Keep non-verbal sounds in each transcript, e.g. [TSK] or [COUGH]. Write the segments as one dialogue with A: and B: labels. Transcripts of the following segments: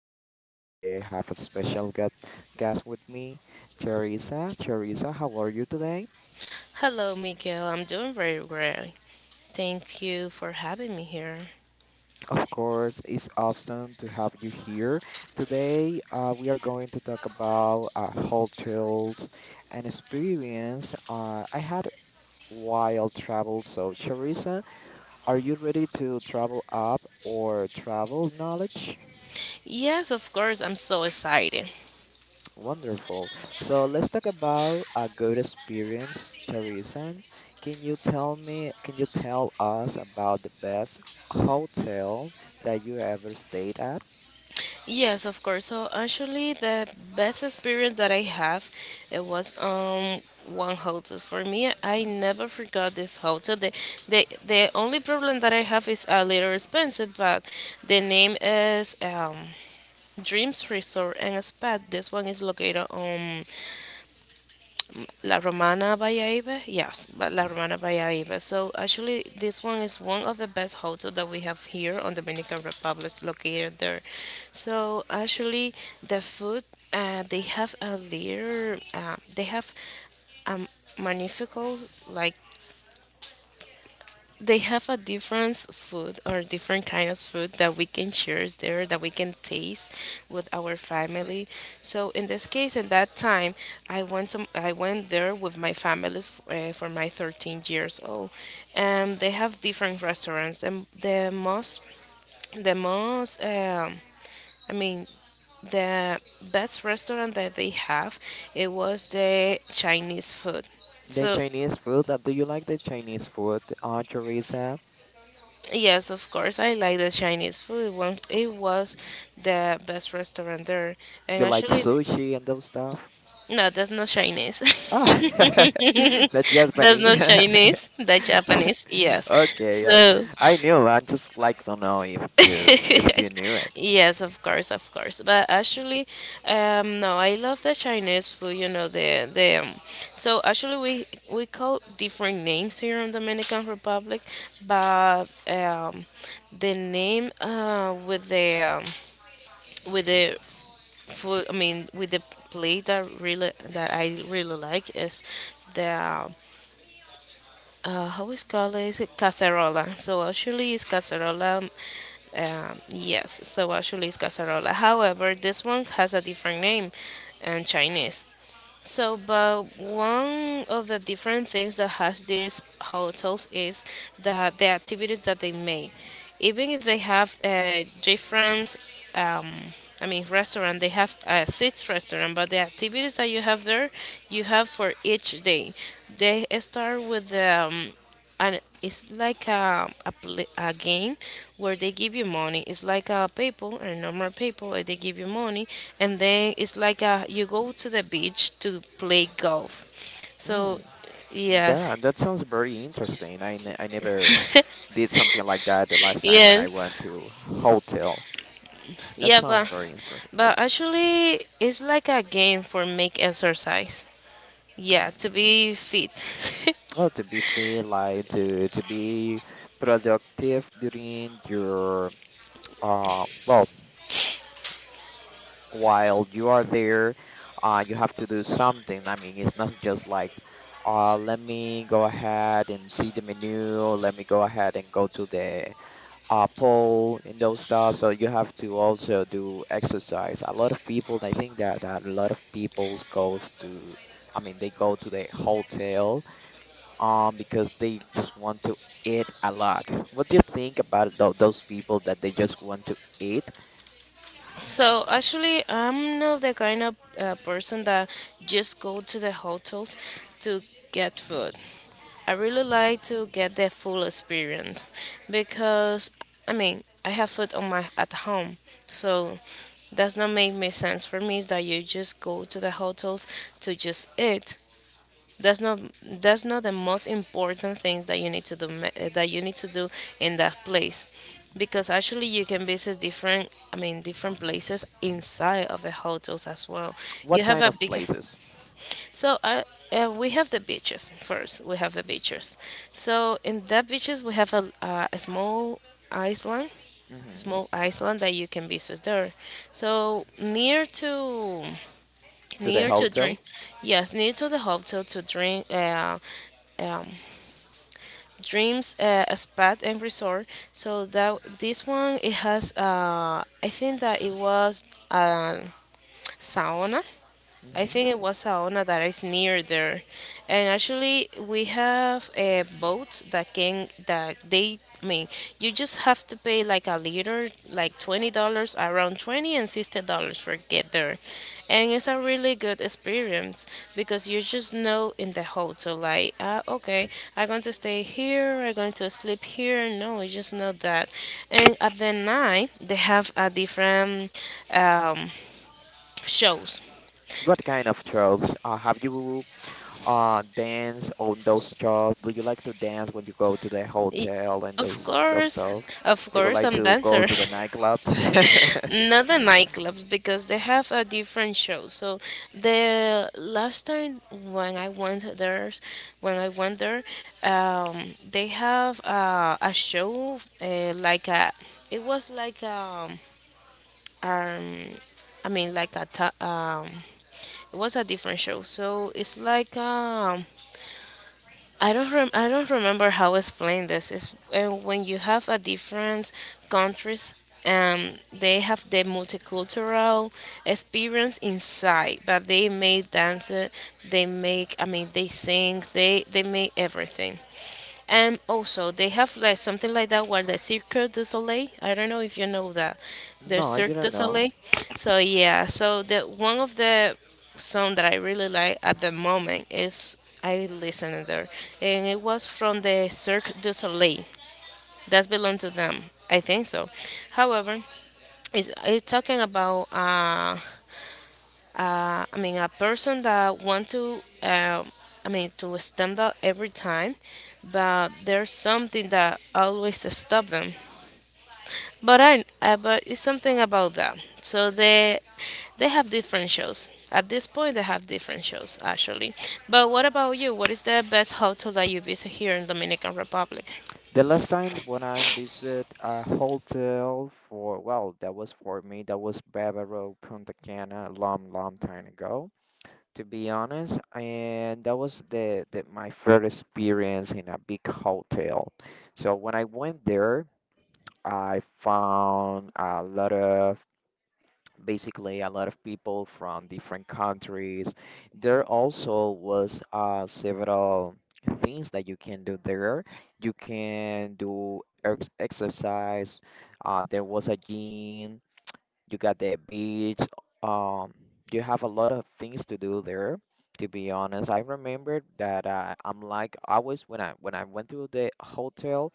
A: Miguel, and today I have a special guest with me, Charissa. Charissa, how are you today?
B: Hello, Miguel. I'm doing very well. Thank you for having me here.
A: Of course, it's awesome to have you here. Today we are going to talk about hotels and experience. I had wild travel, so Charissa, are you ready to travel up or travel knowledge?
B: Yes, of course. I'm so excited.
A: Wonderful. So let's talk about a good experience, tourism. Can you tell me, can you tell us about the best hotel that you ever stayed at?
B: Yes, of course. So actually, the best experience that I have, it was one hotel. For me, I never forgot this hotel. The only problem that I have is a little expensive, but the name is Dreams Resort and Spa. This one is located on La Romana Valladolid. Yes, La Romana Valladolid. So actually, this one is one of the best hotels that we have here on Dominican Republic, located there. So actually, the food they have a little, they have um, magnificent, like they have a different food or different kind of food that we can share there, that we can taste with our family. So in this case, in that time, I went there with my family for my 13th years old, and they have different restaurants. The, the most I mean the best restaurant that they have, it was the chinese food.
A: The
B: So
A: Chinese food, do you like the Chinese food, Teresa?
B: yes, of course. I like the Chinese food. It was the best restaurant there. And
A: You like
B: actually,
A: sushi and those stuff?
B: no, that's not Chinese.
A: Ah,
B: [LAUGHS]
A: [LAUGHS] that's just
B: That's
A: funny.
B: not
A: [LAUGHS]
B: Chinese. That's Japanese. Yes.
A: Okay,
B: So
A: I knew. I just like to know if
B: [LAUGHS]
A: you knew it.
B: yes, of course, of course. But actually, no, I love the Chinese food. You know the the. So actually, we call different names here in Dominican Republic, but the name with the um, with the food. I mean, with the plate that really that I really like is the how is called, is it cacerola? So actually, it's cacerola, yes. So actually, it's cacerola, however this one has a different name in chinese. So, but one of the different things that has these hotels is that the activities that they make, even if they have different um, I mean, restaurant. They have a six restaurant, but the activities that you have there, you have for each day. They start with and it's like a game where they give you money, it's like a paper and normal paper, and they give you money, and then it's like a, you go to the beach to play golf. So
A: Mm,
B: yes,
A: yeah, that sounds very interesting. I never did something like that the last time when I
B: yes,
A: went to hotel. That
B: yeah,
A: sounds
B: but
A: very interesting.
B: but actually it's like a game for make exercise, yeah,
A: Mm.
B: to be fit. [LAUGHS]
A: Well, to be feel like to be productive during your well while you are there, you have to do something. I mean, it's not just like let me go ahead and see the menu. Let me go ahead and go to the pole and those stuff. So you have to also do exercise. A lot of people, I think that a lot of people goes to, I mean, they go to the hotel because they just want to eat a lot. What do you think about those people that they just want to eat?
B: So actually, I'm not the kind of person that just go to the hotels to get food. I really like to get the full experience because I mean, I have food on my at home, so does not make me sense for me is that you just go to the hotels to just eat. That's not the most important things that you need to do, that you need to do in that place, because actually you can visit different, I mean different places inside of the hotels as well.
A: What
B: You have
A: kind
B: a
A: of
B: big,
A: places?
B: so I, we have the beaches first. We have the beaches. So in that beaches we have a island,
A: Hmm.
B: small island that you can visit there. So
A: To the
B: near to
A: hotel?
B: drink, yes, near to the hotel to drink. Um, Dreams a Spa and Resort. So that this one, it has I think that it was a sauna. I
A: Hmm.
B: think it was Saona that is near there, and actually we have a boat that can that they, I mean, you just have to pay like a liter, like $20, around $20 and $60 for get there, and it's a really good experience because you just know in the hotel like, ah, okay, I'm going to stay here, I'm going to sleep here. No, you just know that, and at the night they have a different um, shows.
A: What kind of trails? Have you? Uh, dance on those jobs? Do you like to dance when you go to the
B: Y-
A: hotel and
B: Of
A: those
B: course,
A: stuff?
B: of
A: You would
B: course,
A: like
B: I'm
A: to go
B: dancer.
A: to the nightclubs?
B: [LAUGHS]
A: [LAUGHS]
B: Not the nightclubs because they have a different show. So the last time when I went there, when I went there, they have a show like a. It was like um, I mean like a it was a different show. So it's like I don't remember how to explain this. It's when you have a different countries, they have the multicultural experience inside, but they make dance, they make, I mean they sing, they make everything. And also, they have like something like that where the Cirque du Soleil. I don't know if you know that, the
A: No, I
B: Cirque du
A: didn't know.
B: Soleil. So yeah, so the one of the song that I really like at the moment is I listened there, and it was from the Cirque du Soleil. That's belong to them, I think so. However, it's talking about. I mean, a person that want to, I mean, to stand out every time, but there's something that always stop them. But it's something about that. So they have different shows. At this point, they have different shows actually. But what about you? What is the best hotel that you visit here in Dominican Republic?
A: The last time when I visit a hotel for, well, that was for me, that was Bávaro, Punta Cana, long, long time ago, to be honest. And that was the my first experience in a big hotel. So when I went there, I found a lot of basically a lot of people from different countries. There also was several things that you can do there. You can do ex exercise. There was a gym. You got the beach. Um, you have a lot of things to do there. To be honest, I remember that I'm like always when I went to the hotel.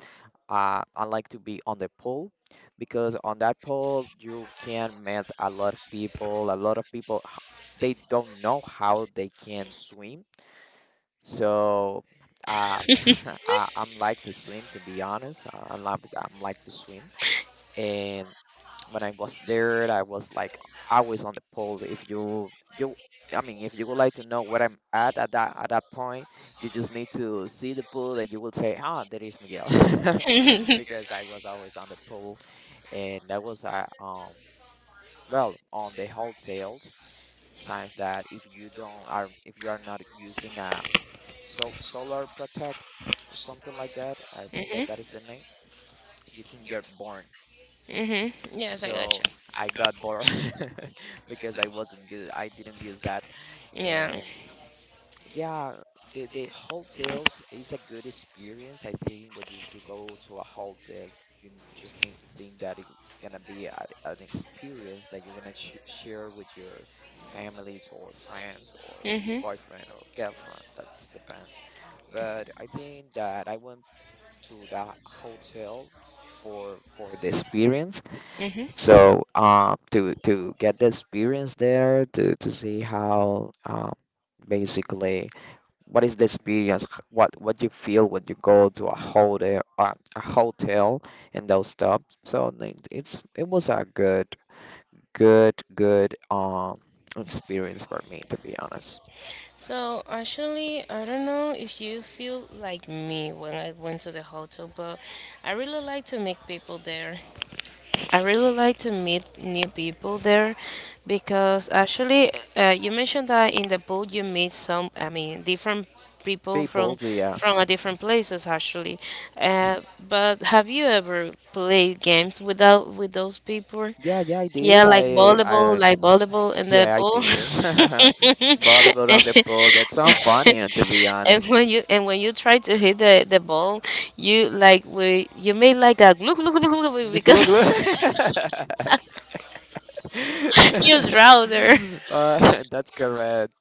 A: I like to be on the pool because on that pool you can meet a lot of people. A lot of people they don't know how they can swim, so uh, [LAUGHS] I'm like to swim to be honest. I'm like to swim, and when I was there, I was like always on the pole. If you you I mean, if you would like to know where I'm at at that point, you just need to see the pool and you will say, "Ah, there is Miguel," [LAUGHS] because I was always on the pool, and that was well, on the hotels signs that if you are not using a solar protect or something like that, I think that that is the name. You can get burned.
B: Mhm. Yes, I got
A: So
B: you.
A: I got bored [LAUGHS] because I didn't use that.
B: Yeah.
A: Um, yeah, the hotels is a good experience. I think when you go to a hotel, you just need to think that it's gonna be an experience that you're gonna ch share with your families or friends or boyfriend or girlfriend. That's depends. But I think that I went to the hotel for the experience,
B: Mm-hmm.
A: so to get the experience there, to see how basically what is the experience, what you feel when you go to a hotel and those stuff. So it's it was a good experience for me to be honest.
B: So actually, I don't know if you feel like me when I went to the hotel, but I really like to meet people there. I really like to meet new people there because actually, you mentioned that in the boat you meet some, I mean, different people
A: People, so, yeah,
B: from a different places actually. Uh, but have you ever played games without with those people?
A: yeah, I
B: Yeah,
A: did. I
B: like volleyball in the
A: Yeah, I
B: pool.
A: did. [LAUGHS] Volleyball on the
B: [LAUGHS]
A: pool. That's so funny to be
B: and
A: honest.
B: when you and when you try to hit the ball, you made like a glug glug glug glug glug
A: Glu glu.
B: because [LAUGHS] use
A: [LAUGHS]
B: router. [LAUGHS]
A: [LAUGHS] That's correct.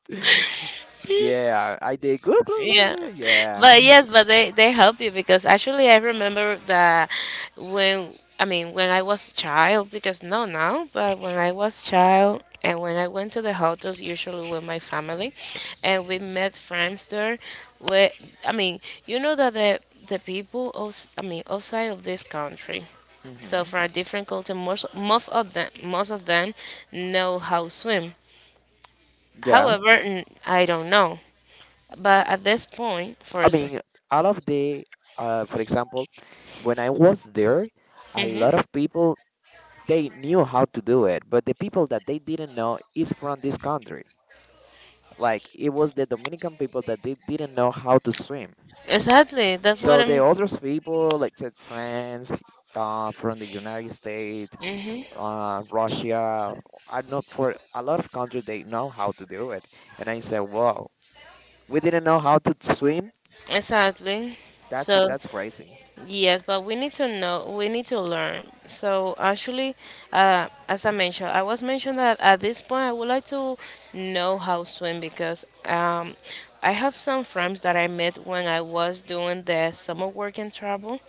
A: Yeah, I did glue, glue, glue,
B: Yeah.
A: glue. Yeah.
B: But yes, but they help you because actually I remember that when, I mean when I was child, because no now, but when I was child and when I went to the hotels usually with my family, and we met friends there where, I mean, you know that the people outs I mean outside of this country, so
A: Hmm.
B: from a different culture, most of them know how swim,
A: Yeah.
B: however I don't know. But at this point,
A: I
B: for first,
A: mean, out of the, for example, when I was there, a
B: mm-hmm.
A: lot of people they knew how to do it, but the people that they didn't know is from this country. Like it was the Dominican people that they didn't know how to swim.
B: Exactly, that's what
A: So
B: I'm,
A: the others people, like said friends, from the United States, Russia, I know for a lot of countries they know how to do it. And I said, "Whoa, we didn't know how to swim?
B: exactly. So
A: That's crazy."
B: yes, but we need to know, we need to learn. So actually, as I mentioned, I was mentioned that at this point I would like to know how swim because I have some friends that I met when I was doing the summer work and travel.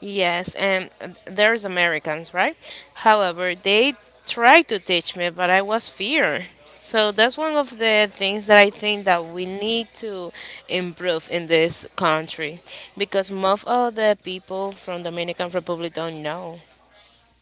B: Yes, and there's Americans, right? However, they tried to teach me, but I was fear. So that's one of the things that I think that we need to improve in this country, because most of the people from Dominican Republic don't know,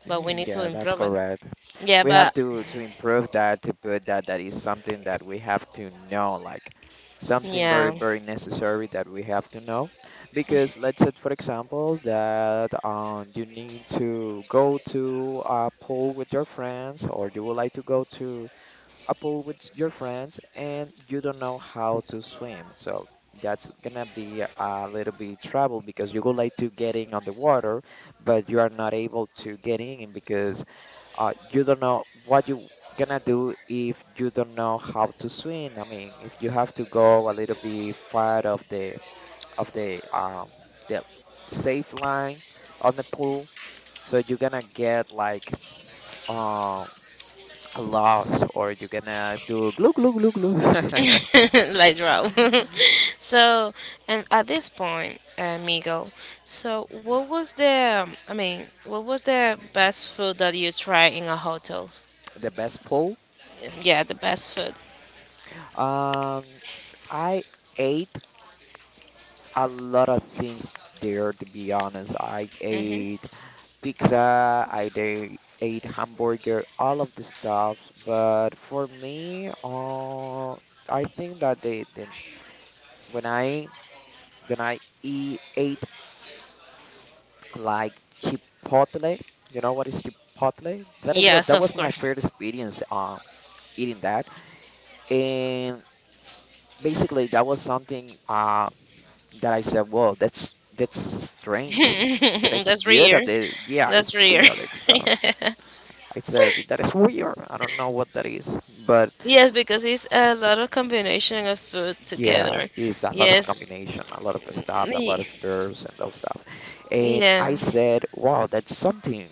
B: but we
A: Mm,
B: need to
A: yeah, that's
B: improve it.
A: correct.
B: Yeah,
A: We have
B: but
A: to improve that, to put that that is something that we have to know, like something very
B: yeah,
A: very necessary that we have to know, because let's say for example that you need to go to a pool with your friends, or you would like to go to a pool with your friends and you don't know how to swim. So that's gonna be a little bit trouble because you would like to get in on the water, but you are not able to get in because you don't know what you gonna do if you don't know how to swim. I mean, if you have to go a little bit far of of the um the safe line on the pool, so you're gonna get like um loss, or you're gonna do glue glue glue glue. [LAUGHS]
B: [LAUGHS] later on. [LAUGHS] So, and at this point, Migo, so what was the, I mean, what was the best food that you tried in a hotel?
A: The best pull.
B: Yeah, the best food.
A: Um i ate a lot of things there to be honest. I ate pizza, ate hamburger, all of the stuffs. But for me, I think that they then when I eat ate like chipotle. You know what is chipotle? That It was,
B: Yes,
A: that
B: of
A: was my first
B: course.
A: experience eating that. And basically, that was something that I said, well, that's strange, but
B: [LAUGHS]
A: it's
B: That's
A: good
B: rare.
A: that they, yeah, it's
B: That's rare.
A: weird. It's
B: [LAUGHS]
A: I said that is weird. I don't know what that is, but
B: Yes, because it's a lot of combination of food
A: yeah,
B: together.
A: it's a lot of
B: Yes.
A: combination, a lot of stuff, a lot
B: Y-
A: of birds and those stuff. And
B: yeah.
A: I said, wow, that's something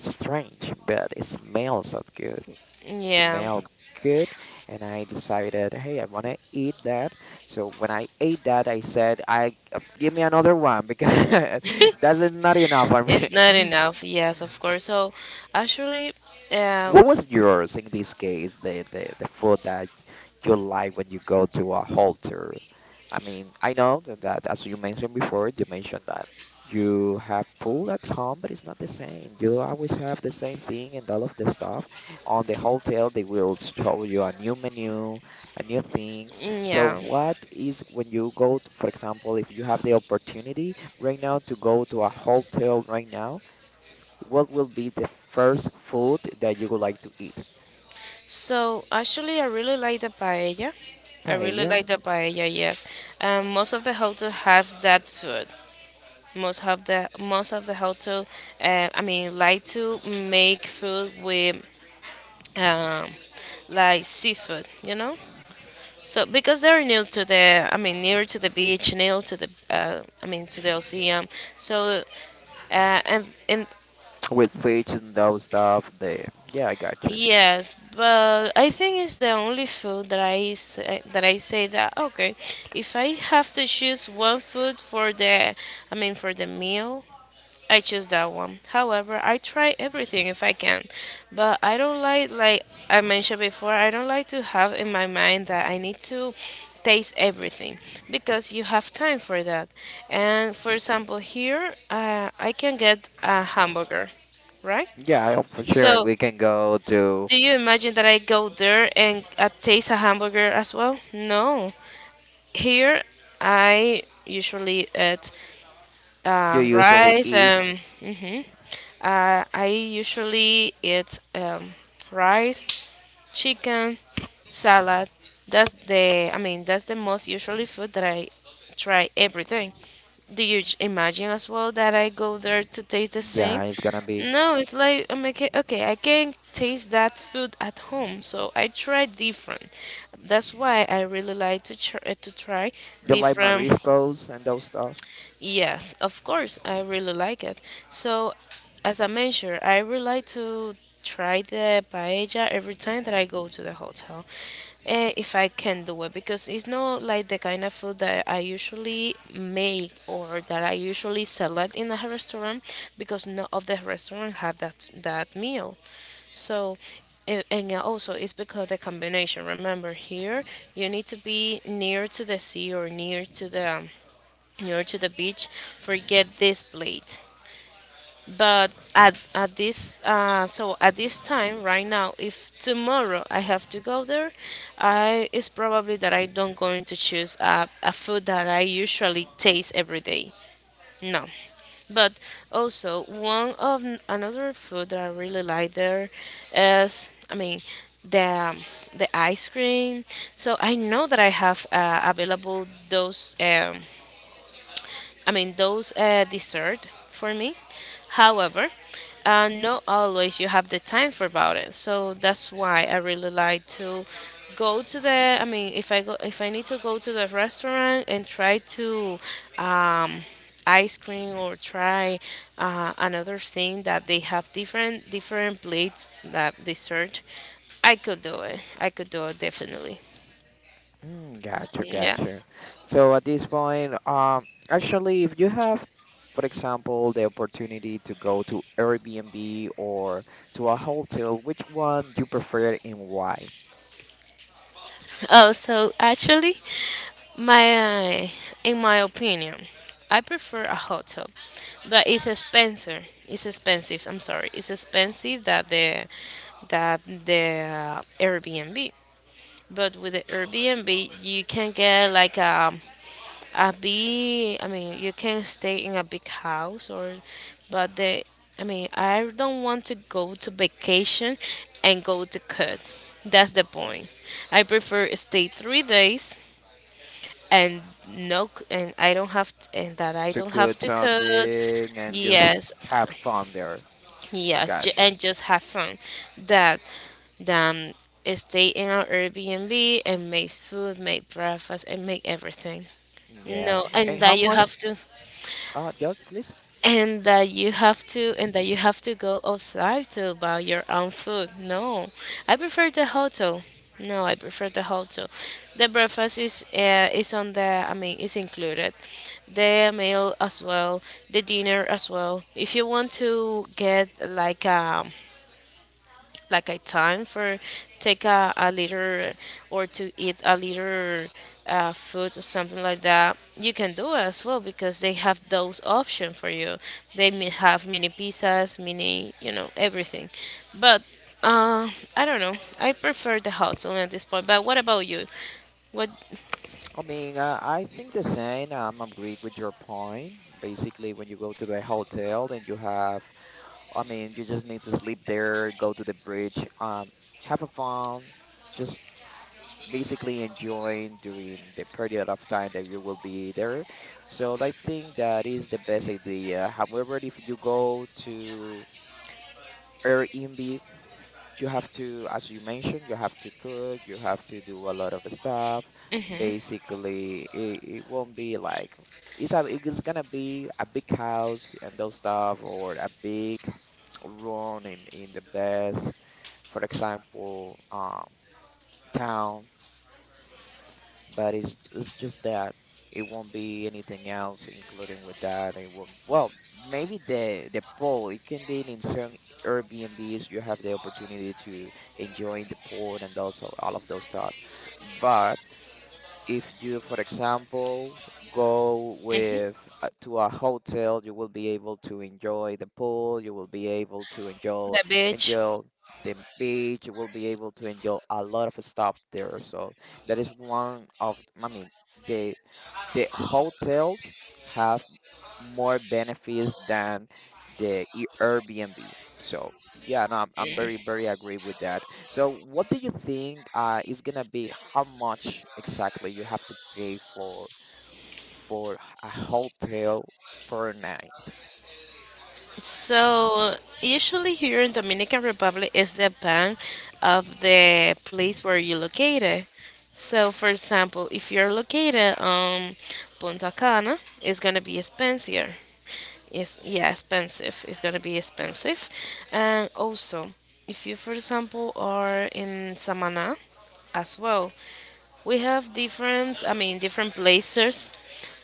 A: strange, but it smells so good.
B: Yeah.
A: Smelled good, and I decided, hey, I want to eat that. So when I ate that, I said, I give me another one because [LAUGHS] that's not enough for me.
B: It's not
A: [LAUGHS]
B: enough. Yes, of course. So, actually, uh,
A: What was yours in this case, the food that you like when you go to a halter? I mean, I know that as you mentioned before, you mentioned that you have food at home, but it's not the same. You always have the same thing and all of the stuff. On the hotel, they will show you a new menu, a new things. So
B: yeah.
A: what is when you go to, for example, if you have the opportunity right now to go to a hotel right now, what will be the first food that you would like to eat?
B: So actually, I really like the paella. I really
A: Paella
B: like the paella. Yes, most of the hotel has that food. Most of the hotel, I mean, like to make food with um, like seafood. You know, so because they're near to the, I mean, near to the beach, near to the, I mean, to the ocean. So and
A: with fish and those stuff. The yeah, I got you.
B: yes, but I think it's the only food that I say, that okay, if I have to choose one food for the, I mean for the meal, I choose that one. However, I try everything if I can, but I don't like I mentioned before, I don't like to have in my mind that I need to taste everything because you have time for that. And for example, here I can get a hamburger, right?
A: Yeah, I- for sure.
B: So
A: We can go to
B: do you imagine that I go there and taste a hamburger as well? No. Here, I usually eat
A: you usually
B: rice
A: eat.
B: and I usually eat rice, chicken, salad. That's the, I mean that's the most usually food that I try everything. Do you imagine as well that I go there to taste the same?
A: Yeah, it's gonna be
B: No, it's like I'm okay, okay, I can taste that food at home, so I try different. That's why I really like to try
A: you like
B: different.
A: mariscos and those stuff.
B: Yes, of course, I really like it. So, as I mentioned, I would like to try the paella every time that I go to the hotel, if I can do it, because it's not like the kind of food that I usually make or that I usually select in a restaurant, because none of the restaurant have that meal. So, a- and also it's because the combination. Remember, here you need to be near to the sea or near to the beach. Forget this plate. But at this so at this time right now, if tomorrow I have to go there, I it's probably that I don't going to choose a food that I usually taste every day. No. But also one of another food that I really like there is, I mean, the um, ice cream. So I know that I have available those I mean, those dessert for me. However, not always you have the time for about it. So that's why I really like to go to the. I mean, if I need to go to the restaurant and try to um, ice cream or try another thing that they have, different plates that dessert, I could do it. I could do it definitely.
A: Mm, got you, got
B: Yeah.
A: you. So at this point, actually, if you have, for example, the opportunity to go to Airbnb or to a hotel, which one you prefer and why?
B: Oh, so actually, My, uh, in my opinion, I prefer a hotel, but it's expensive. It's expensive. I'm sorry. It's expensive that the that the Airbnb. But with the Airbnb, you can get like a big. I mean, you can stay in a big house, or, but the. I mean, I don't want to go to vacation and go to cut. That's the point. I prefer stay 3 days and no c- and I don't have t and that I
A: To
B: don't have
A: good
B: to code.
A: something and just
B: Yes,
A: have fun there. I
B: yes,
A: got you.
B: and just have fun. That um, stay in our Airbnb and make food, make breakfast, and make everything.
A: Yeah.
B: No,
A: And how much? Just please.
B: and that you have to go outside to buy your own food. No, I prefer the hotel. No, I prefer the hotel. The breakfast is on the I mean, is included. The meal as well, the dinner as well. If you want to get like a time for take a liter or to eat a liter food or something like that, you can do it as well because they have those options for you. They may have mini pizzas, mini, everything. But uh, I don't know, I prefer the hotel at this point. But what about you? What
A: I mean, I think the same. I'm agree with your point. Basically, when you go to the hotel and you have, I mean, you just need to sleep there, go to the bridge, have a fun, just basically enjoying during the period of time that you will be there. So I think that is the best idea. However, if you go to Airbnb, you have to, as you mentioned, you have to cook, you have to do a lot of stuff.
B: Mhm.
A: Basically, it won't be like it's gonna be a big house and those stuff, or a big run in the best, for example, town, but it's just that it won't be anything else including with that, it won't, well maybe the pool, it can be in certain airbnbs you have the opportunity to enjoy the pool and also all of those stuff. But if you, for example, go with to a hotel, you will be able to enjoy the pool, you will be able to
B: The beach.
A: enjoy the beach, you will be able to enjoy a lot of stuff there. So that is one of, the the hotels have more benefits than the Airbnb. So yeah, no, I'm very, very agree with that. So what do you think is gonna be how much exactly you have to pay for a hotel per night?
B: So usually here in Dominican Republic is the ban of the place where you're located. So, for example, if you're located on Punta Cana, it's gonna be expensive. Yes, yeah, expensive. It's gonna be expensive. And also, if you, for example, are in Samana, as well, we have different. I mean, different places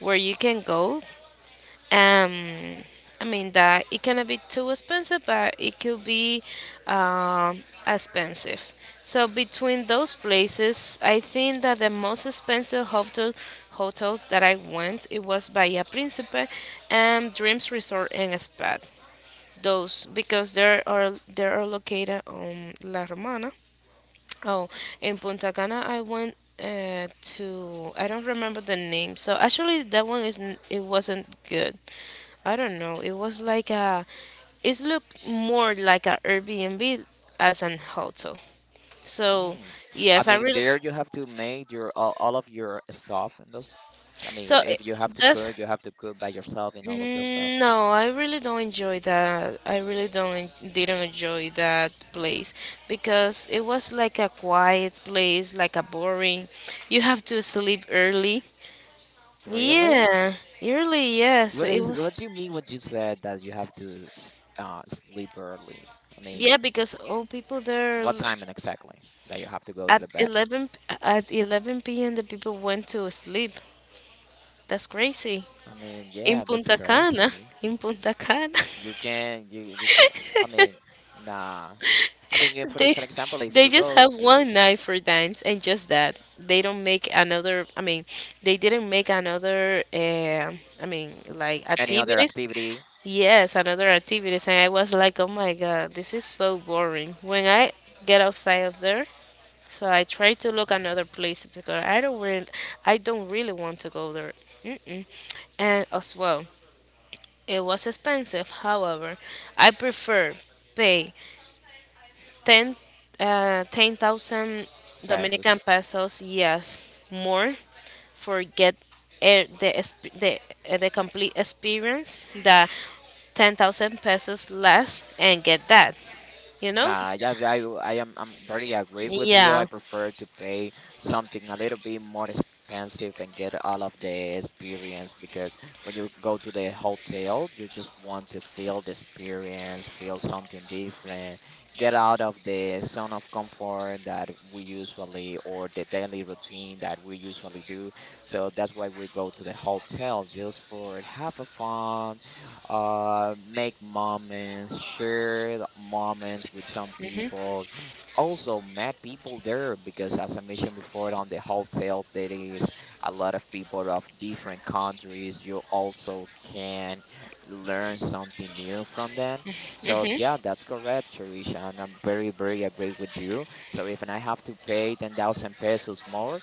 B: where you can go. um, I mean that it cannot be too expensive, but it could be um, expensive. So between those places, I think that the most expensive hotels that I went, it was Bahia Principe and Dreams Resort and Spa. Those because they are located on La Romana. Oh, in Punta Cana, I went uh, to I don't remember the name. So actually, that one is it wasn't good. I don't know. It was like a it looked more like a Airbnb as an hotel. So,
A: Mm. I
B: yes. I
A: mean,
B: really
A: there you have to make your all of your stuff and those. I mean,
B: so it,
A: if you have to
B: that's
A: cook, you have to cook by yourself and all of those stuff.
B: Mm, no. I really don't enjoy that. I really don't en- didn't enjoy that place because it was like a quiet place, like a boring. You have to sleep early.
A: Really?
B: Yeah, early, yeah. So
A: What
B: it
A: is
B: was,
A: what do you mean when you said that you have to sleep early? I mean,
B: yeah, because all people there l-
A: what time and exactly that you have to go to
B: at
A: the bed?
B: 11 p- at 11 p.m. the people went to sleep. That's crazy.
A: I mean, yeah,
B: In
A: that's
B: Punta Cana,
A: crazy.
B: in Punta Cana,
A: You can. I mean, nah. I mean,
B: [LAUGHS]
A: for
B: they
A: for example, if
B: they
A: you
B: just
A: go
B: have
A: to
B: one night for dance and just that. They don't make another. I mean, they didn't make another. I mean, like
A: any other
B: activities.
A: activity,
B: Yes, another activities, and I was like, oh my god, this is so boring. When I get outside of there. So I try to look another place because I don't really want to go there. Mm-mm. And as well, it was expensive. However, I prefer pay 10 uh, 10,000 Dominican
A: past.
B: pesos, yes, more for get eh, the exp- the, the complete experience. The 10,000 pesos less and get that, you know?
A: Nah, yeah, I am I'm very agree with you. I
B: Yeah.
A: prefer to pay something a little bit more expensive and get all of the experience, because when you go to the hotel, you just want to feel the experience, feel something different, get out of the zone of comfort that we usually or the daily routine that we usually do. So that's why we go to the hotel just for have a fun make moments, share the moments with some people. Also, met people there because, as I mentioned before, on the wholesale, there is a lot of people of different countries. You also can learn something new from them. So, yeah, that's correct, Sharisha. And I'm very, very agree with you. So, if I have to pay 10,000 pesos more,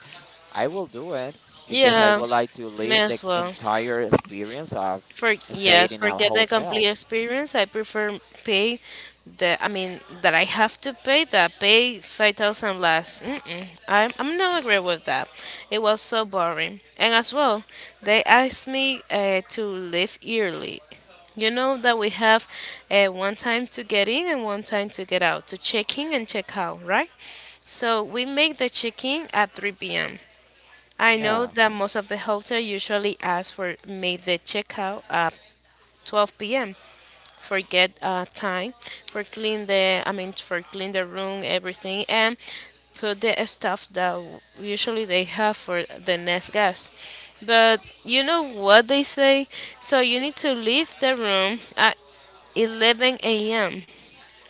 A: I will do it because I
B: Yeah.
A: would like to
B: May
A: live the
B: as well.
A: entire experience of
B: For
A: staying
B: Yes,
A: in a
B: forget the complete
A: hotel.
B: experience. I prefer pay the I mean that I have to pay 5,000 less. Mm-mm. I'm not agree with that. It was so boring. And as well, they asked me to leave early. You know that we have one time to get in and one time to get out, to check in and check out, right? So we make the check-in at 3 p.m. I know
A: Yeah,
B: that most of the hotel usually ask for make the checkout 12 p.m. for get time for clean the I mean, for clean the room, everything, and put the stuff that usually they have for the next guest. But you know what they say, so you need to leave the room at 11 a.m.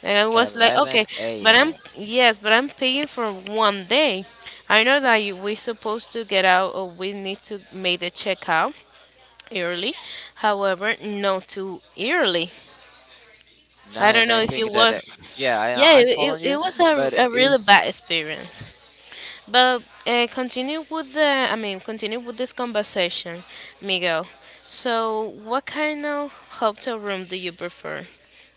B: And I was like, okay,
A: 11
B: but I'm
A: a.m.
B: yes, but I'm paying for one day. I know that we supposed to get out, or we need to make the checkout early. However, not too early.
A: No,
B: I don't
A: and
B: know
A: I
B: if you
A: think that,
B: were.
A: yeah,
B: Yeah, it,
A: I'm
B: it,
A: following
B: it
A: you,
B: was a,
A: but
B: a really
A: it's.
B: bad experience. But continue with I mean, continue with this conversation, Miguel. So, what kind of hotel room do you prefer?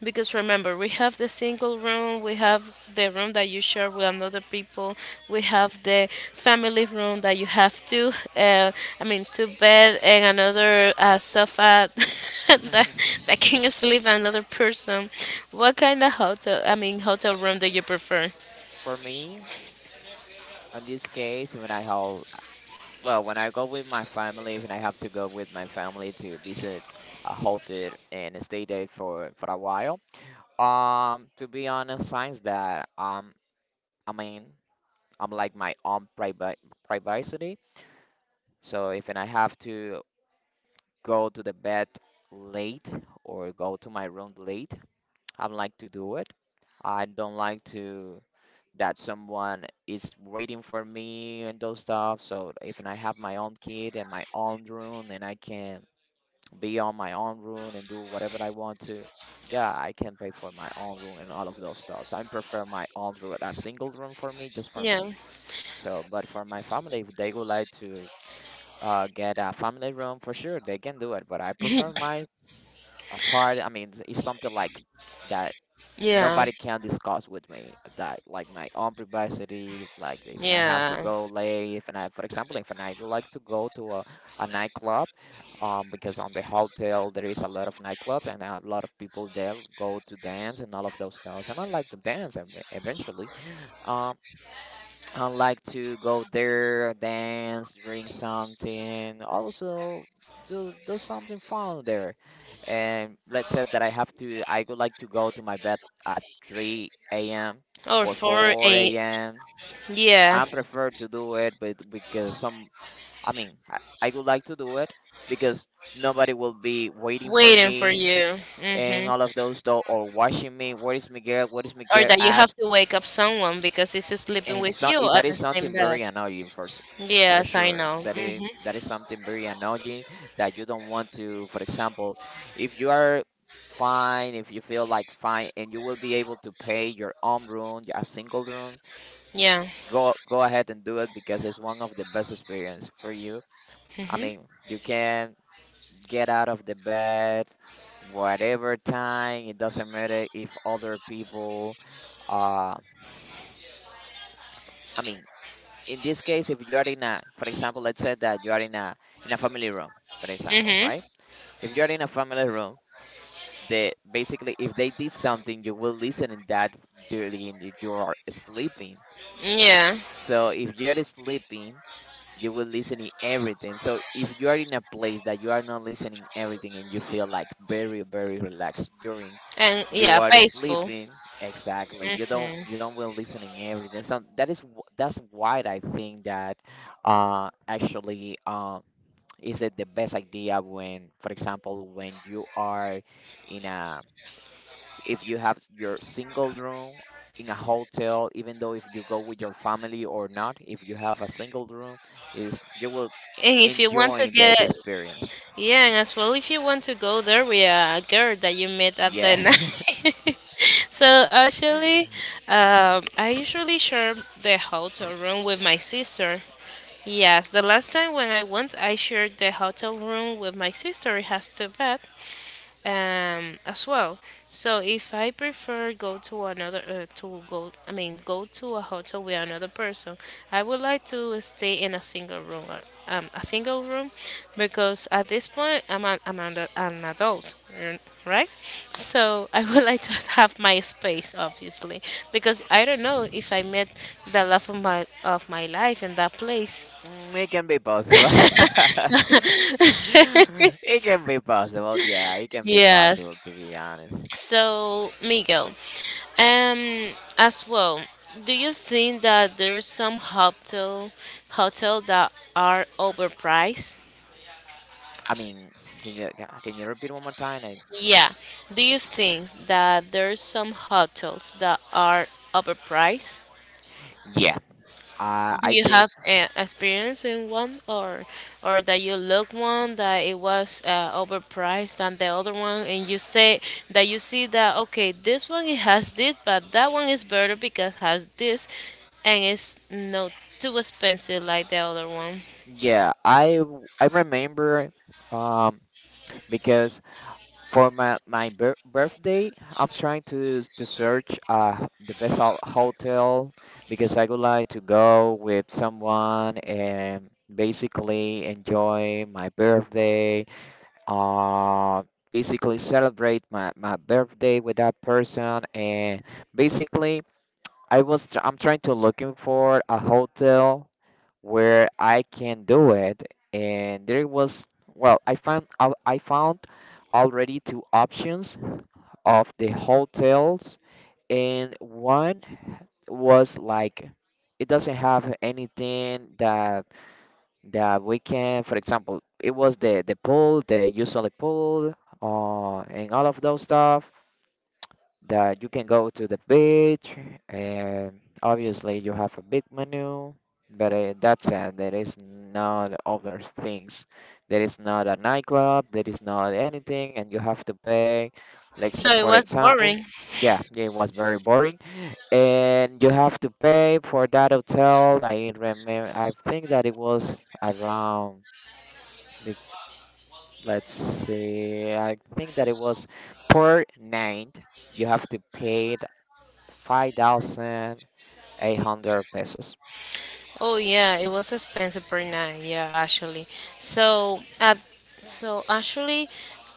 B: Because remember, we have the single room, we have the room that you share with another people, we have the family room that you have I mean, two bed and another sofa [LAUGHS] that,
A: [LAUGHS]
B: that can sleep another person. What kind of I mean, hotel room do you prefer?
A: For me in this case when I have, well, when I go with my family, when I have to go with my family to visit a hotel and stay there for a while. To be honest, signs that I mean. I'm like my own privacy. So if and I have to go to the bed late or go to my room late, I don't like to do it. I don't like to that someone is waiting for me and those stuff. So if and I have my own kid and my own room and I can be on my own room and do whatever I want to. Yeah, I can pay for my own room and all of those stuff. So I prefer my own room, a single room for me, just for me.
B: Yeah.
A: So, but for my family, if they would like to get a family room for sure. They can do it, but I prefer my apart. I mean, it's something like that
B: Yeah.
A: nobody can discuss with me. That like my own privacy. Like if I have to
B: Yeah.
A: go late, if I, for example, if I would like to go to a nightclub, because on the hotel there is a lot of nightclubs and a lot of people there go to dance and all of those stuff. And I like to dance eventually. Um, I like to go there, dance, drink something, also do something fun there. And let's say that I have to, I would like to go to my bed at 3 a.m.
B: Or
A: or
B: for
A: 4
B: a.
A: a.m.
B: Yeah,
A: I prefer to do it, but because some, I mean, I would like to do it because nobody will be waiting for
B: waiting for
A: me
B: you. Hmm.
A: and all of those though, or watching me. Where is Miguel? Where is
B: Or
A: Miguel
B: that you have
A: at?
B: to wake up someone because it's sleeping
A: And
B: with
A: so
B: you
A: it, that
B: at the
A: is
B: same
A: something
B: bed.
A: very annoying for for
B: Yes, I
A: sure
B: know. Hmm.
A: that is something very annoying that you don't want to. For example, if you are fine, if you feel like fine and you will be able to pay your own room, a single room,
B: Yeah.
A: go go ahead and do it because it's one of the best experience for you. I mean, you can get out of the bed whatever time. It doesn't matter if other people uh I mean, in this case, if you are in a, for example, let's say that you are in a family room, for example, right?
B: Hmm.
A: If you are in a family room, the basically if they did something, you will listen in that during you are sleeping.
B: Yeah.
A: So if you're sleeping, you will listening everything. So if you are in a place that you are not listening everything and you feel like very very relaxed during
B: And
A: you
B: yeah,
A: are
B: peaceful.
A: sleeping, exactly. You don't
B: Mhm.
A: you don't will listening everything. So that is that's why I think that actually is it the best idea when for example when you are in a if you have your single room in a hotel, even though if you go with your family or not, if you have a single room, is you will
B: and if you want to
A: enjoy the
B: get
A: experience.
B: Yeah, and as well, if you want to go there with a girl that you met at the
A: Yeah, [LAUGHS]
B: night. [LAUGHS] So actually, I usually share the hotel room with my sister. Yes, the last time when I went, I shared the hotel room with my sister. It has two bed as well. So if I prefer go to another, to go I mean, go to a hotel with another person, I would like to stay in a single room because at this point an adult, r- right? So [LAUGHS] I would like to have my space, obviously, because I don't know if I met the love of my life in that place.
A: Mm, it can be possible. [LAUGHS] It can be possible. Yeah, it can be
B: Yes.
A: possible to be honest.
B: So, Miguel, Um, as well, do you think that there's some hotel that are overpriced?
A: I mean, can you can you repeat one more time? I,
B: Yeah. Do you think that there's some hotels that are overpriced?
A: yeah,
B: Do
A: I
B: you
A: think
B: have experience in one or that you look one that it was overpriced than the other one, and you say that you see that, okay, this one it has this, but that one is better because has this, and it's not too expensive like the other one.
A: yeah I I remember um because for my my birthday, I'm trying to search the best hotel because I would like to go with someone and basically enjoy my birthday. Uh, basically celebrate my my birthday with that person and basically I was I'm trying to looking for a hotel where I can do it, and there was well, I found I found already two options of the hotels, and one was like it doesn't have anything that that we can, for example, it was the pool, the usually pool, and all of those stuff that you can go to the beach, and obviously you have a big menu, but that's it. There is not other things, there is not a nightclub, there is not anything, and you have to pay like
B: So
A: such,
B: it
A: for
B: was
A: example.
B: boring.
A: Yeah, it was very boring, and you have to pay for that hotel. I remember I think that it was around like, let's see, I think that it was per night you have to pay 5,800 pesos.
B: Oh yeah, it was expensive per night. Yeah, actually. So at so actually,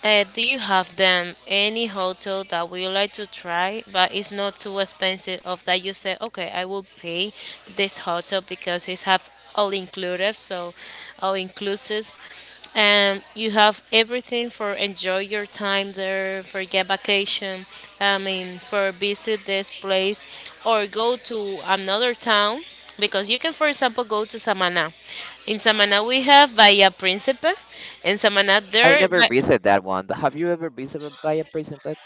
B: do you have them any hotel that we would like to try, but it's not too expensive? Of that you say, okay, I will pay this hotel because it's have all inclusive, so all inclusive. You have everything for enjoy your time there, for get vacation. I mean, for visit this place or go to another town because you can, for example, go to Samana. In Samana, we have Bahía Príncipe. In Samana,
A: I
B: there,
A: never
B: but,
A: visited that one. [LAUGHS] Have you ever visited by a prison pet?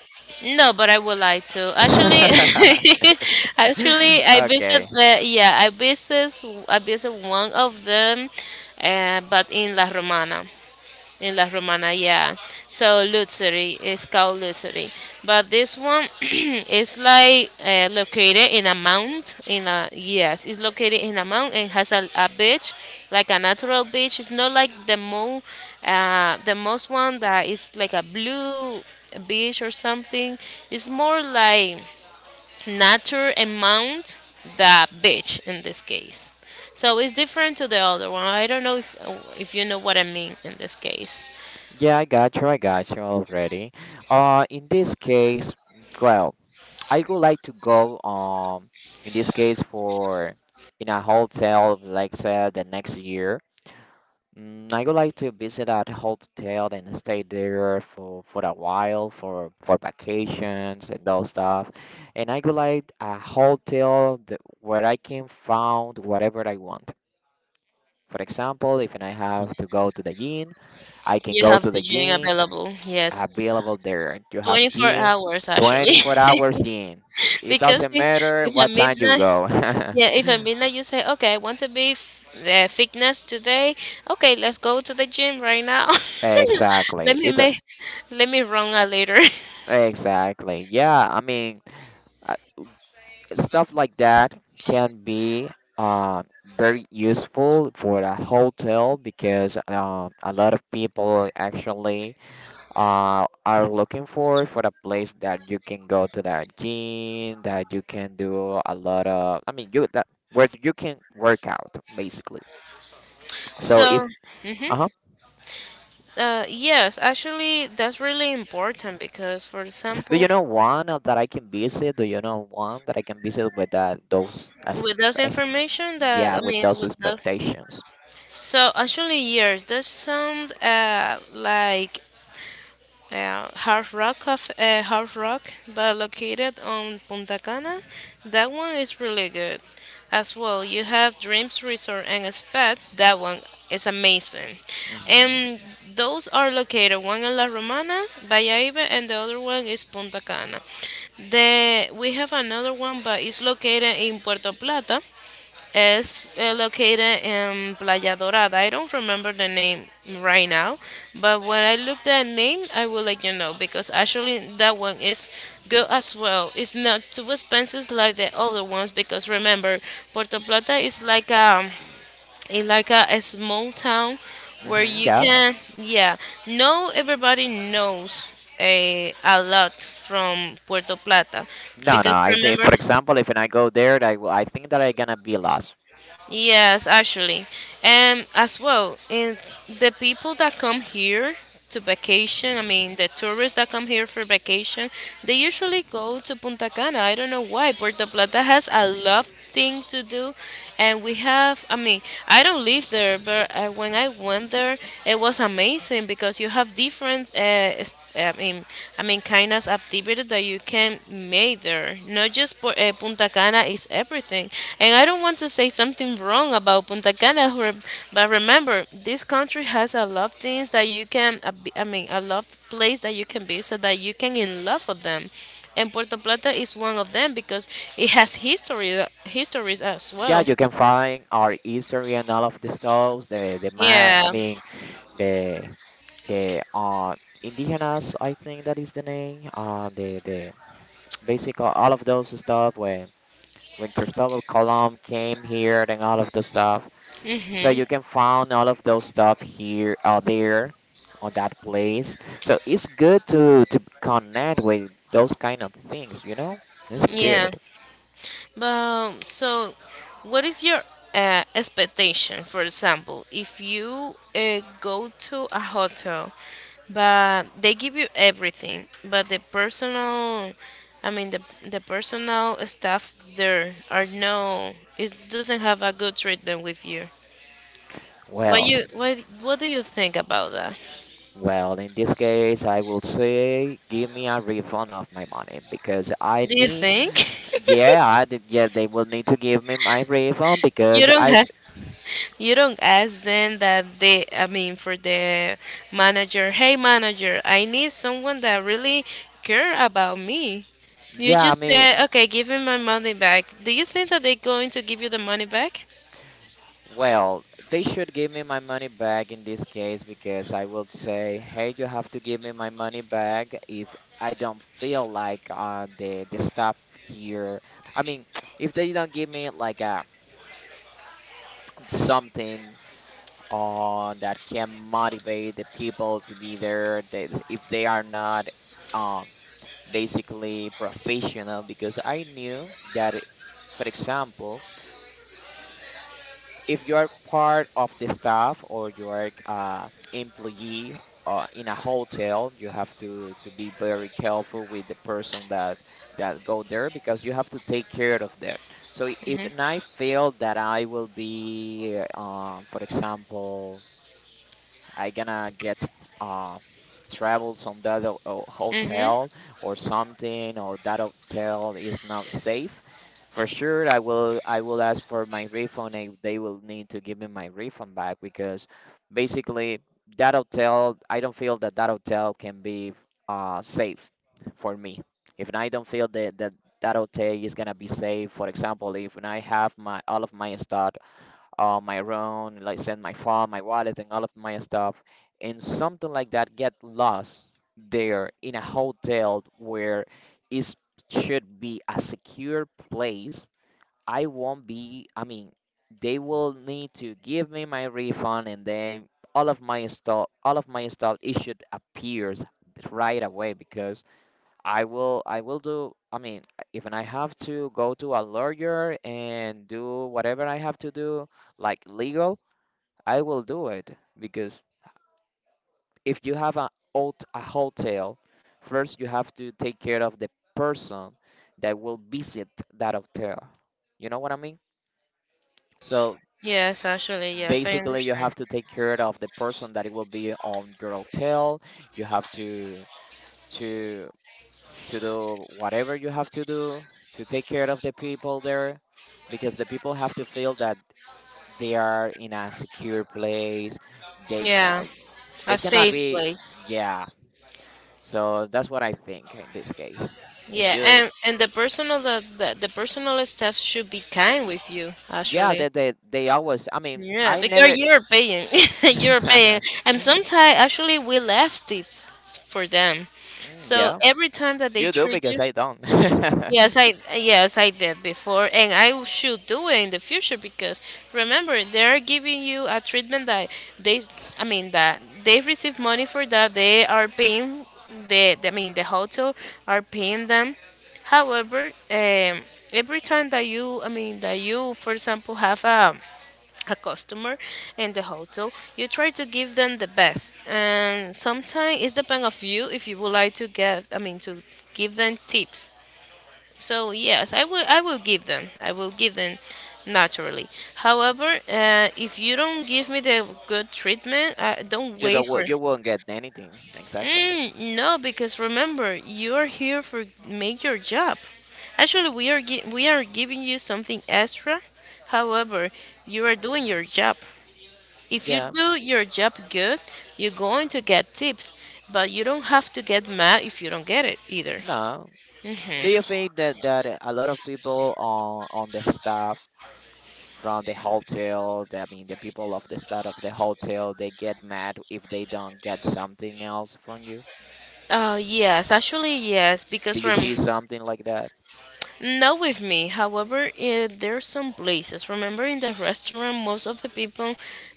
B: no, but I would like to actually.
A: [LAUGHS]
B: [LAUGHS] Actually, I visit
A: Okay.
B: the yeah, I visit one of them, but in La Romana. In La Romana, yeah. So Luxury is called Luxury, but this one [CLEARS THROAT] is like located in a mount. In a Yes, it's located in a mount and has a beach, like a natural beach. It's not like the most one that is like a blue beach or something. It's more like nature and mount the beach in this case. So it's different to the other one. I don't know if you know what I mean in this case.
A: Yeah, I got you. I got you already. In this case, well, I would like to go in this case for in a hotel, like say the next year. Mm, I would like to visit that hotel and stay there for a while for vacations and those stuff. And I would like a hotel that, where I can find whatever I want. For example, if I have to go to the gym, I can
B: You
A: go
B: have
A: to
B: the
A: the
B: gym
A: gym
B: available, yes.
A: available there. You have
B: 24
A: gym,
B: hours actually.
A: 24 hours gym.
B: [LAUGHS]
A: It
B: Because
A: doesn't matter
B: if at
A: what time you
B: midnight,
A: go.
B: yeah, if at
A: [LAUGHS]
B: midnight you say, okay, I want to be fitness today. Okay, let's go to the gym right now. [LAUGHS]
A: Exactly.
B: let me
A: It
B: make, Let me run a later.
A: exactly. Yeah, I mean. Stuff like that can be uh, very useful for the hotel because a lot of people actually are looking for a place that you can go to the gym, that you can do a lot of, you that where you can work out basically.
B: [LAUGHS]
A: So
B: So.
A: if
B: Mhm.
A: uh-huh.
B: Yes, actually, that's really important, because, for
A: Do you
B: example,
A: know one that I can visit? Do you know one that I can visit with those as,
B: with those
A: ex
B: information that,
A: yeah,
B: I
A: with
B: mean,
A: those
B: with the.
A: expectations?
B: So actually, yes, that sound like Hard Rock, but located on Punta Cana. That one is really good. As well, you have Dreams Resort and Spa. That one is amazing.
A: Mm-hmm.
B: And those are located one in La Romana, Valladolid, and the other one is Punta Cana. We have another one, but it's located in Puerto Plata, is located in Playa Dorada. I don't remember the name right now, but when I look that name, I will let you know, because actually that one is good as well. It's not too expensive like the other ones because remember, Puerto Plata is it's like a small town where
A: Mm-hmm.
B: you
A: Yeah.
B: can, yeah, no, everybody knows a lot from Puerto Plata,
A: No, no.
B: because
A: I say,
B: remember.
A: for example, if when I go there, will- I think that I gonna be lost.
B: Yes, actually. And as well, in the people that come here to vacation, I mean, the tourists that come here for vacation, they usually go to Punta Cana. I don't know why. Puerto Plata has a lot thing to do, and we have, I mean, I don't live there, but when I went there it was amazing, because you have different s- uh, um, I mean, kind of activity that you can make there. Not just Punta Cana is everything. And I don't want to say something wrong about Punta Cana, but remember, this country has a lot of things that you can, I mean, a lot of place that you can visit, that you can in love with them. And Puerto Plata is one of them, because it has history, histories as
A: Yeah,
B: well.
A: you can find our history and all of the stuff, the map.
B: Yeah.
A: I mean, the the indigenous. I think that is the name. The basically all of those stuff when Cristobal Colum came here and all of the stuff.
B: [LAUGHS]
A: So you can find all of those stuff here or there on that place. So it's good to connect with those kind of things, you know? It's
B: Yeah.
A: good.
B: So, what is your expectation? For example, if you go to a hotel, but they give you everything, but the personal, I mean, the personal staff there are no, it doesn't have a good treatment with you. What
A: Well,
B: you what what do you think about that?
A: well, in this case, I will say give me a refund of my money because I
B: Do you
A: need
B: think, [LAUGHS]
A: yeah, I did, yeah, they will need to give me my refund
B: you
A: because
B: don't
A: I
B: have? You don't ask them that they, I mean, for the manager, hey manager, I need someone that really care about me. You
A: yeah, I
B: just
A: mean.
B: say, okay, give me my money back. Do you think that they're going to give you the money back?
A: Well, they should give me my money back in this case because I will say, hey, you have to give me my money back if I don't feel like the stuff here. I mean, [TSK] if they don't give me like a something on that can motivate the people to be there, they, if they are not um basically professional, because I knew that, for example. If you are part of the staff or you are employee in a hotel, you have to be very careful with the person that that go there because you have to take care of that. So if I feel that I will be, for example, I gonna get uh, travels on that
B: Mm-hmm.
A: hotel or something, or that hotel is not safe. For sure, I will ask for my refund. If they will need to give me my refund back because basically that hotel, I don't feel that that hotel can be safe for me. If I don't feel that that hotel is gonna be safe, for example, if I have my all of my stuff, my own, like send my phone, my wallet, and all of my stuff, and something like that get lost there in a hotel where it should be a secure place. I won't be. I mean, they will need to give me my refund, and then all of my stuff, all of my stuff, it should appears right away because I will do, I mean, even I have to go to a lawyer and do whatever I have to do, like legal, I will do it because if you have a a hotel, first you have to take care of the person that will visit that hotel, you know what I mean? So
B: Yes, actually, yes, I
A: basically you
B: understand.
A: have to take care of the person that it will be on your hotel. You have to, to to do whatever you have to do to take care of the people there because the people have to feel that they are in a secure place, they
B: Yeah,
A: ca-
B: a
A: they cannot
B: safe
A: be.
B: place.
A: Yeah, so that's what I think in this case. If
B: Yeah,
A: you,
B: and the personal, the personal staff should be kind with you,
A: yeah,
B: actually.
A: they always, I mean,
B: Yeah,
A: I
B: because
A: never
B: you're paying, [LAUGHS] you're paying,
A: [LAUGHS]
B: and sometimes actually we left tips for them.
A: Mm,
B: So
A: yeah,
B: every time that they
A: you do
B: treat
A: because
B: you,
A: I don't.
B: yes, I did before, and I should do it in the future, because remember, they are giving you a treatment that they, I mean that they receive money for that they are paying the, I mean the hotel are paying them. However, every time that you, I mean that you, for example, have a customer in the hotel, you try to give them the best, and sometimes it's depend of you if you would like to get, I mean to give them tips. So yes, I will give them I will give them naturally. However, if you don't give me the good treatment,
A: [LAUGHS]
B: don't
A: You
B: wait
A: don't wo-
B: for.
A: you won't get anything, exactly.
B: Mm, no, because remember, you are here for make your job. Actually, we are giving you something extra. However, you are doing your job. If you
A: Yeah.
B: do your job good, you're going to get tips, but you don't have to get mad if you don't get it either.
A: No, do you think that, that a lot of people on the staff from the hotel? I mean, the people of the staff of the hotel, they get mad if they don't get something else from you.
B: Yes, actually, yes, because
A: Did you see something like that?
B: not with me. However, there are some places. Remember, in the restaurant, most of the people,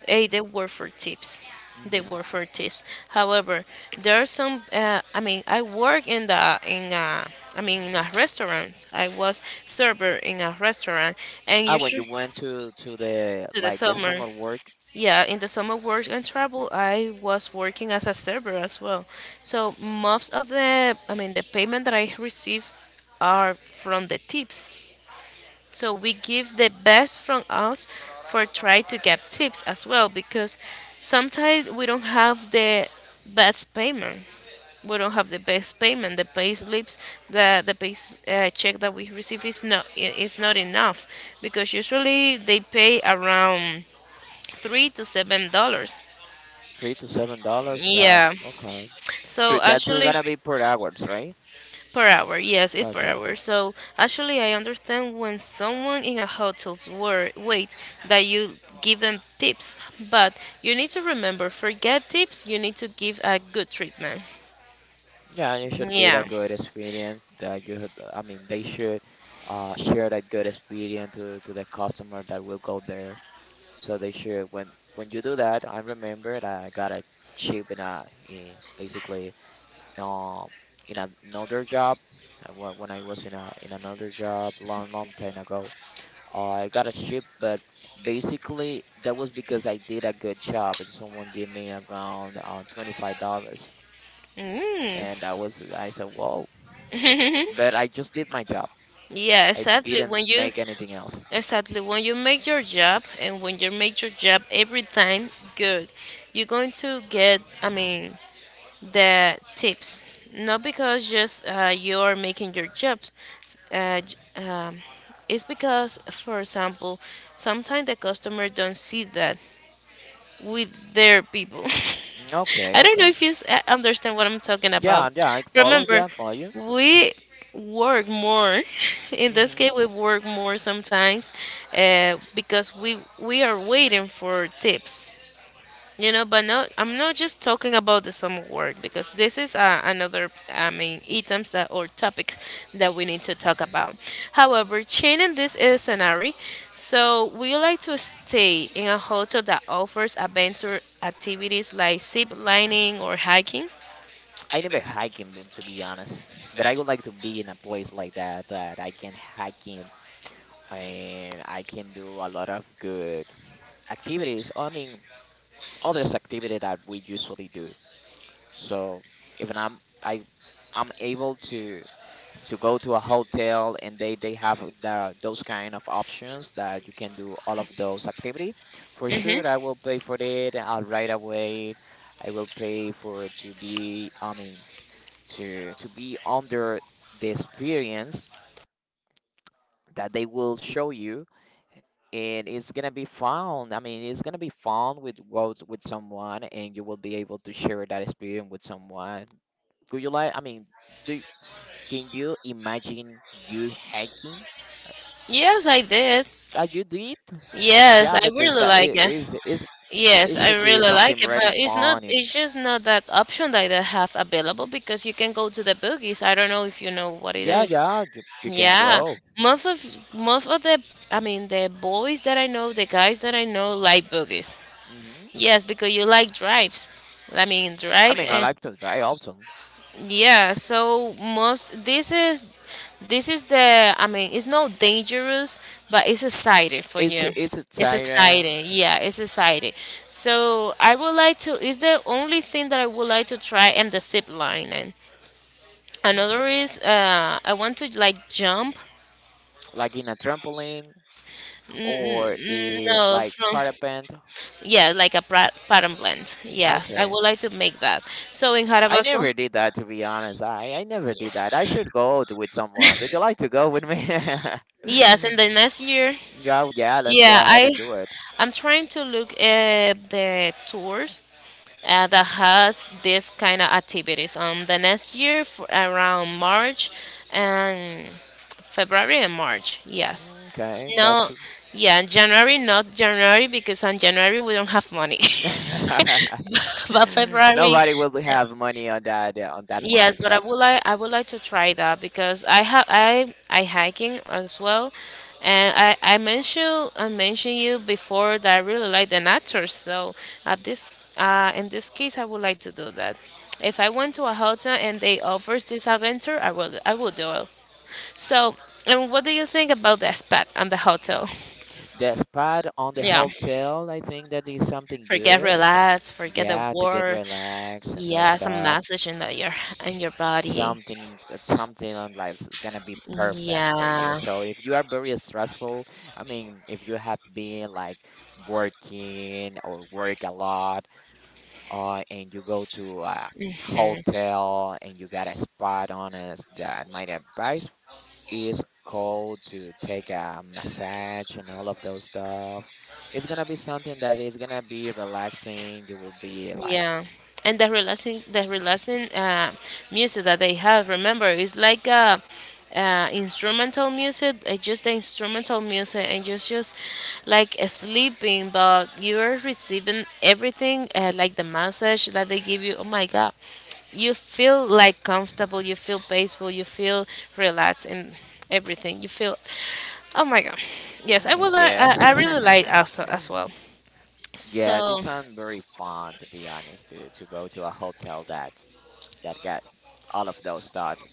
B: they work for tips. They
A: Hmm.
B: work for tips. However, there are some. I mean, I work in the, in a. I mean, in a restaurant. I was server in a restaurant, and
A: Ah, when you
B: usually
A: went to the
B: to the
A: like the
B: summer.
A: summer work,
B: Yeah, in the summer work and travel, I was working as a server as well. So most of the, I mean, the payment that I receive are from the tips. So we give the best from us for try to get tips as well, because sometimes we don't have the best payment. We don't have the best payment. The pay slips, the check that we receive is not I- is not enough, because usually they pay around $3 to $7.
A: $3 to $7. That
B: Yeah.
A: okay,
B: So
A: but that's
B: actually,
A: gonna be per hours, right?
B: per hour. Yes, it's per
A: Okay.
B: hour. So actually, I understand when someone in a hotel's wait that you give them tips, but you need to remember, forget tips. You need to give a good treatment.
A: Yeah, it should be a
B: Yeah.
A: good experience that you had. I mean, they should, share that good experience to the customer that will go there. So they should, when you do that, I remember that I got a chip in a in basically, um in another job. When I was in a in another job long long time ago, I got a chip, but basically that was because I did a good job and someone gave me around $25,
B: Mm.
A: and I was I said whoa, but I just did my job.
B: Yeah.
A: I
B: Exactly.
A: didn't
B: When you
A: make anything else.
B: Exactly. When you make your job, and when you make your job every time good, you're going to get, I mean, the tips, not because just you're making your jobs, uh, j- um, it's because, for example, sometimes the customer don't see that with their people.
A: Mm,
B: [LAUGHS]
A: okay,
B: I don't know
A: okay.
B: if you understand what I'm talking about.
A: Yeah, yeah, I follow.
B: Remember,
A: Yeah, I follow you.
B: we work more. [LAUGHS] In this
A: Hmm.
B: case we work more sometimes, because we are waiting for tips, but no, I'm not just talking about the summer work, because this is another, I mean, items that or topics that we need to talk about. However, changing this is scenario, so we like to stay in a hotel that offers adventure activities like zip lining or hiking.
A: I never hiking, been, to be honest, but I would like to be in a place like that that I can hiking and I can do a lot of good activities. I mean, others activity that we usually do. So if I'm able to go to a hotel and they have the, those kind of options that you can do all of those activity. For sure,
B: Mm-hmm.
A: I will pay for it, right away. I will pay for it to be. I mean, to be under the experience that they will show you and it's gonna be found, I mean, it's gonna be found with with someone and you will be able to share that experience with someone. Could you, like, I mean, do, can you imagine you hiking?
B: Yes, I did.
A: You do it?
B: Yes,
A: Yeah,
B: I
A: but
B: really like it.
A: it's, is it
B: Yes, I
A: should be
B: really like
A: something
B: it,
A: really
B: but it's not.
A: fun and
B: It's just not that option that they have available, because you can go to the boogies. I don't know if you know what it
A: yeah,
B: is.
A: yeah, you can
B: Yeah,
A: go.
B: most of the, I mean, the boys that I know, the guys that I know like boogies.
A: Hmm.
B: Yes, because you like drives. I mean,
A: I
B: drive,
A: mean, I
B: and
A: like to try also.
B: yeah. So most, this is the, I mean, it's not dangerous, but it's exciting for you.
A: It's
B: It's
A: exciting.
B: exciting. Yeah, it's exciting. So I would like to. Is the only thing that I would like to try, and the zip line, and. Another is, I want to like jump.
A: Like in a trampoline
B: Mm,
A: or
B: mm,
A: in
B: no,
A: like
B: from.
A: parapent.
B: Yeah, like a pattern blend. Yes, I
A: Okay.
B: would like to make that. So in
A: I
B: Jarabacoa,
A: never did that to be honest. I never did that. I should go to, with someone. Would you like to go with me? [LAUGHS] Yeah,
B: yes, in the next year,
A: yeah, let's go
B: yeah,
A: ahead
B: I
A: and do it.
B: I'm trying to look at the tours that has this kind of activities. The next year for around March, and February and March. Yes.
A: Okay,
B: No,
A: that's
B: yeah, January, not January, because on January we don't have money. [LAUGHS]
A: [LAUGHS]
B: But February.
A: nobody will have money on that, on that money,
B: Yes, but I would
A: exactly.
B: like I would like to try that, because I have I hiking as well, and I mentioned you before that I really like the nature. So at this in this case, I would like to do that. If I went to a hotel and they offers this adventure, I will do it. So, and what do you think about the spa and the hotel?
A: The spot on the
B: Yeah,
A: hotel, I think that is something
B: forget
A: good.
B: relax, forget the
A: Yeah, to get
B: work.
A: relaxed and those
B: Yeah, some
A: stuff.
B: massage in the, your in your body.
A: Something, something on like is gonna be perfect for you.
B: Yeah.
A: So if you are very stressful, I mean, if you have been like working or work a lot, and you go to a hotel and you got a spot on it, that my advice is called to take a massage and all of those stuff. It's gonna be something that is gonna be relaxing. You will be like
B: Yeah, and the relaxing, music that they have. Remember, it's like instrumental music. It's just the instrumental music, and just like sleeping, but you are receiving everything, like the massage that they give you. Oh my god, you feel like comfortable. You feel peaceful. You feel relaxed, and everything. You feel. Oh my god, yes, I
A: mm,
B: will. I,
A: yeah.
B: I I really like
A: [LAUGHS]
B: also as well.
A: Yeah,
B: So.
A: this isn't very fun to be honest, to go to a hotel that that got all of those thought.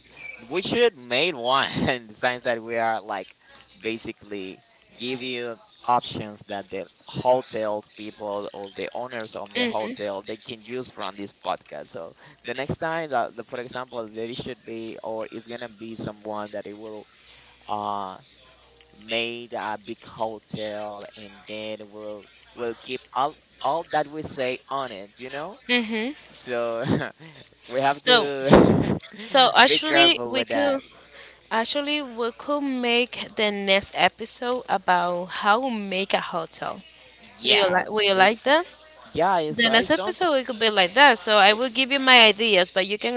A: We should made one [LAUGHS] in the sense that we are like basically give you options that the hotels people or the owners of the hotel they can use from this podcast. So the next time that the, for example, there should be or it's gonna be someone that it will, uh made a big hotel, and then we'll keep all that we say on it, you know?
B: Mm-hmm.
A: So [LAUGHS]
B: We
A: we have
B: So, to
A: to
B: so figure out
A: [LAUGHS] be
B: actually,
A: careful
B: out. we
A: with
B: could
A: that.
B: actually we could make the next episode about how we make a hotel. Do, yeah, you, yeah,
A: Yeah,
B: like? Will you
A: it's
B: like that?
A: yeah, it's
B: The
A: it
B: next
A: sounds.
B: episode it could be like that. So I
A: It,
B: will give you my ideas, but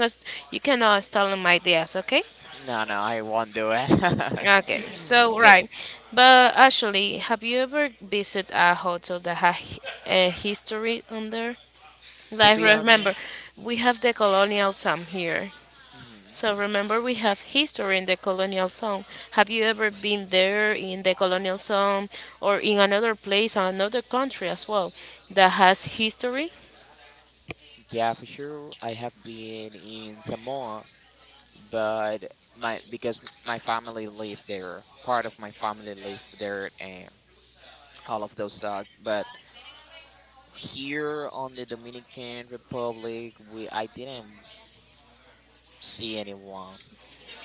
B: you cannot steal my ideas, okay?
A: no, no, I won't do it.
B: Okay. So
A: [LAUGHS] So,
B: right, but actually, have you ever visited a hotel that has a history on there?
A: to
B: Like
A: be
B: remember,
A: honest,
B: we have the colonial song here.
A: mhm,
B: So remember, we have history in the colonial song. Have you ever been there in the colonial song, or in another place, another country as well, that has history?
A: yeah, for sure, I have been in Samoa, but my because my family lived there, part of my family lived there, and all of those stuff. But here on the Dominican Republic, we I didn't see anyone.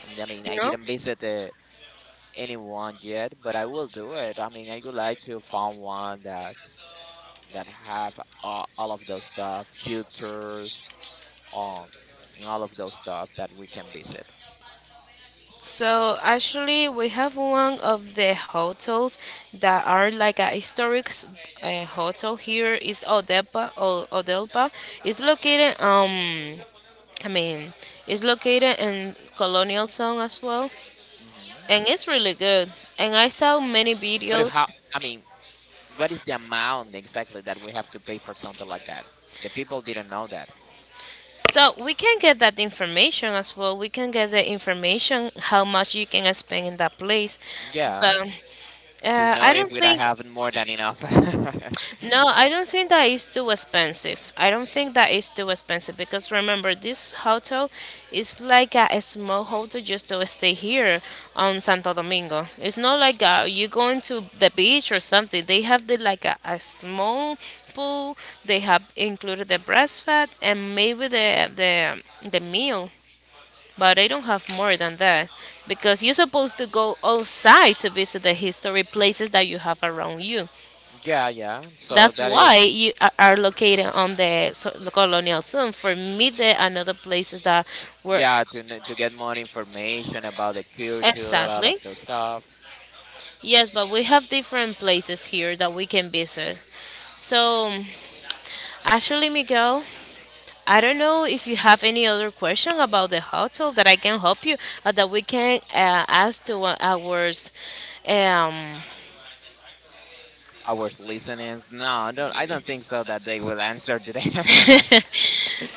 A: I mean, I
B: No.
A: didn't visit, anyone yet, but I will do it. I mean, I would like to find one that that have all of those stuff, cultures, um, and all of those stuff that we can visit.
B: So actually, we have one of the hotels that are like a historic hotel here, is Odepa. Odelpa. It's located, I mean, it's located in Colonial Zone as well,
A: Hmm.
B: and it's really good. And I saw many
A: But
B: videos.
A: how? I mean, what is the amount exactly that we have to pay for something like that? The people didn't know that.
B: So we can get that information as well. We can get the information how much you can spend in that place. Yeah, but
A: Yeah.
B: uh,
A: To
B: no, I
A: know
B: don't
A: if we're
B: think
A: having more than enough.
B: no,
A: [LAUGHS]
B: I don't think that is too expensive. I don't think that is too expensive, because remember, this hotel is like a small hotel just to stay here on Santo Domingo. It's not like you going to the beach or something. They have the, like a small pool. They have included the breakfast, and maybe the, the meal, but I don't have more than that, because you're supposed to go outside to visit the history places that you have around you.
A: Yeah, yeah. So
B: That's
A: that
B: why
A: is
B: you are located on the, so, the colonial zone. For me, there are other places that were.
A: yeah to to get more information about the culture, all
B: Exactly.
A: of those stuff.
B: Yes, but we have different places here that we can visit. So, actually, Miguel, I don't know if you have any other question about the hotel that I can help you, that we can ask to our, um, [LAUGHS]
A: Our listeners, no, no, I don't think so that they will answer today. [LAUGHS]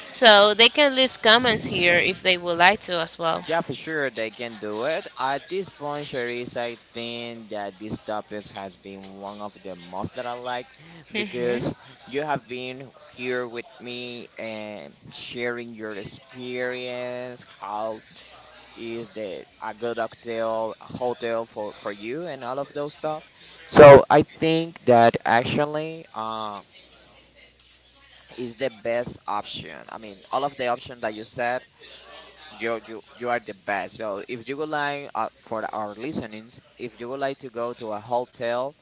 B: so they can leave comments here if they would like to as well.
A: Yeah, for sure they can do it. At this point, Sharice, I think that this topic has been one of the most that I like
B: [LAUGHS]
A: because you have been here with me and sharing your experience, how is the a good hotel for you and all of those stuff. So I think that actually, is the best option. I mean, all of the options that you said, you are the best. So if you would like, for our listenings, if you would like to go to a hotel,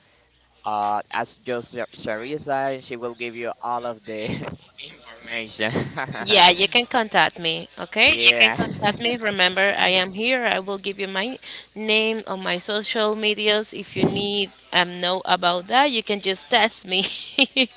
A: ask just Sharissa, and she will give you all of the [LAUGHS]
B: [LAUGHS]
A: information. [LAUGHS]
B: Yeah, you can contact me, [LAUGHS] okay? You can yes.
A: Yeah.
B: contact me.
A: [LAUGHS]
B: Remember, I am here. I will give you my name on my social medias. If you need know about that, you can just text me. [LAUGHS]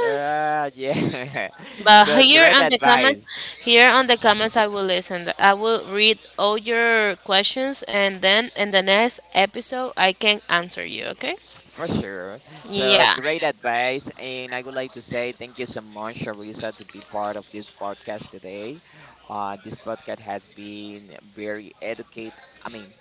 A: Yeah. [LAUGHS]
B: But
A: So
B: here
A: great
B: on the comments,
A: advice.
B: I will listen. I will read all your questions, and then in the next episode, I can answer you. Okay?
A: For sure. So
B: Yeah.
A: great advice, and I would like to say thank you so much, Sharissa, to be part of this podcast today. This podcast has been very educate. I mean,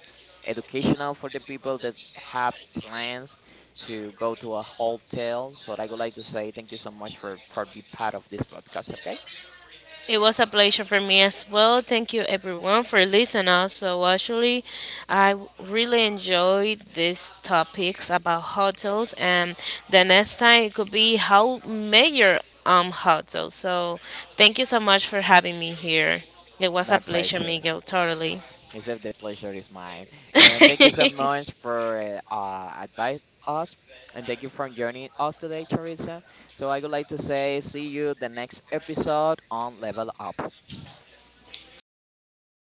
A: educational for the people that have plans to go to a hotel. So I would like to say thank you so much for be part of this podcast. Okay,
B: It was a pleasure for me as well. Thank you everyone for listening. Also, actually, I really enjoyed these topics about hotels, and the next time it could be how major hotels. So, thank you so much for having me here. It was
A: my
B: a pleasure,
A: pleasure.
B: Miguel. Totally.
A: Except the pleasure is mine. And thank you so
B: [LAUGHS]
A: much for, advise us. And thank you for joining us today, Charissa. So I would like to say, see you the next episode on Level Up.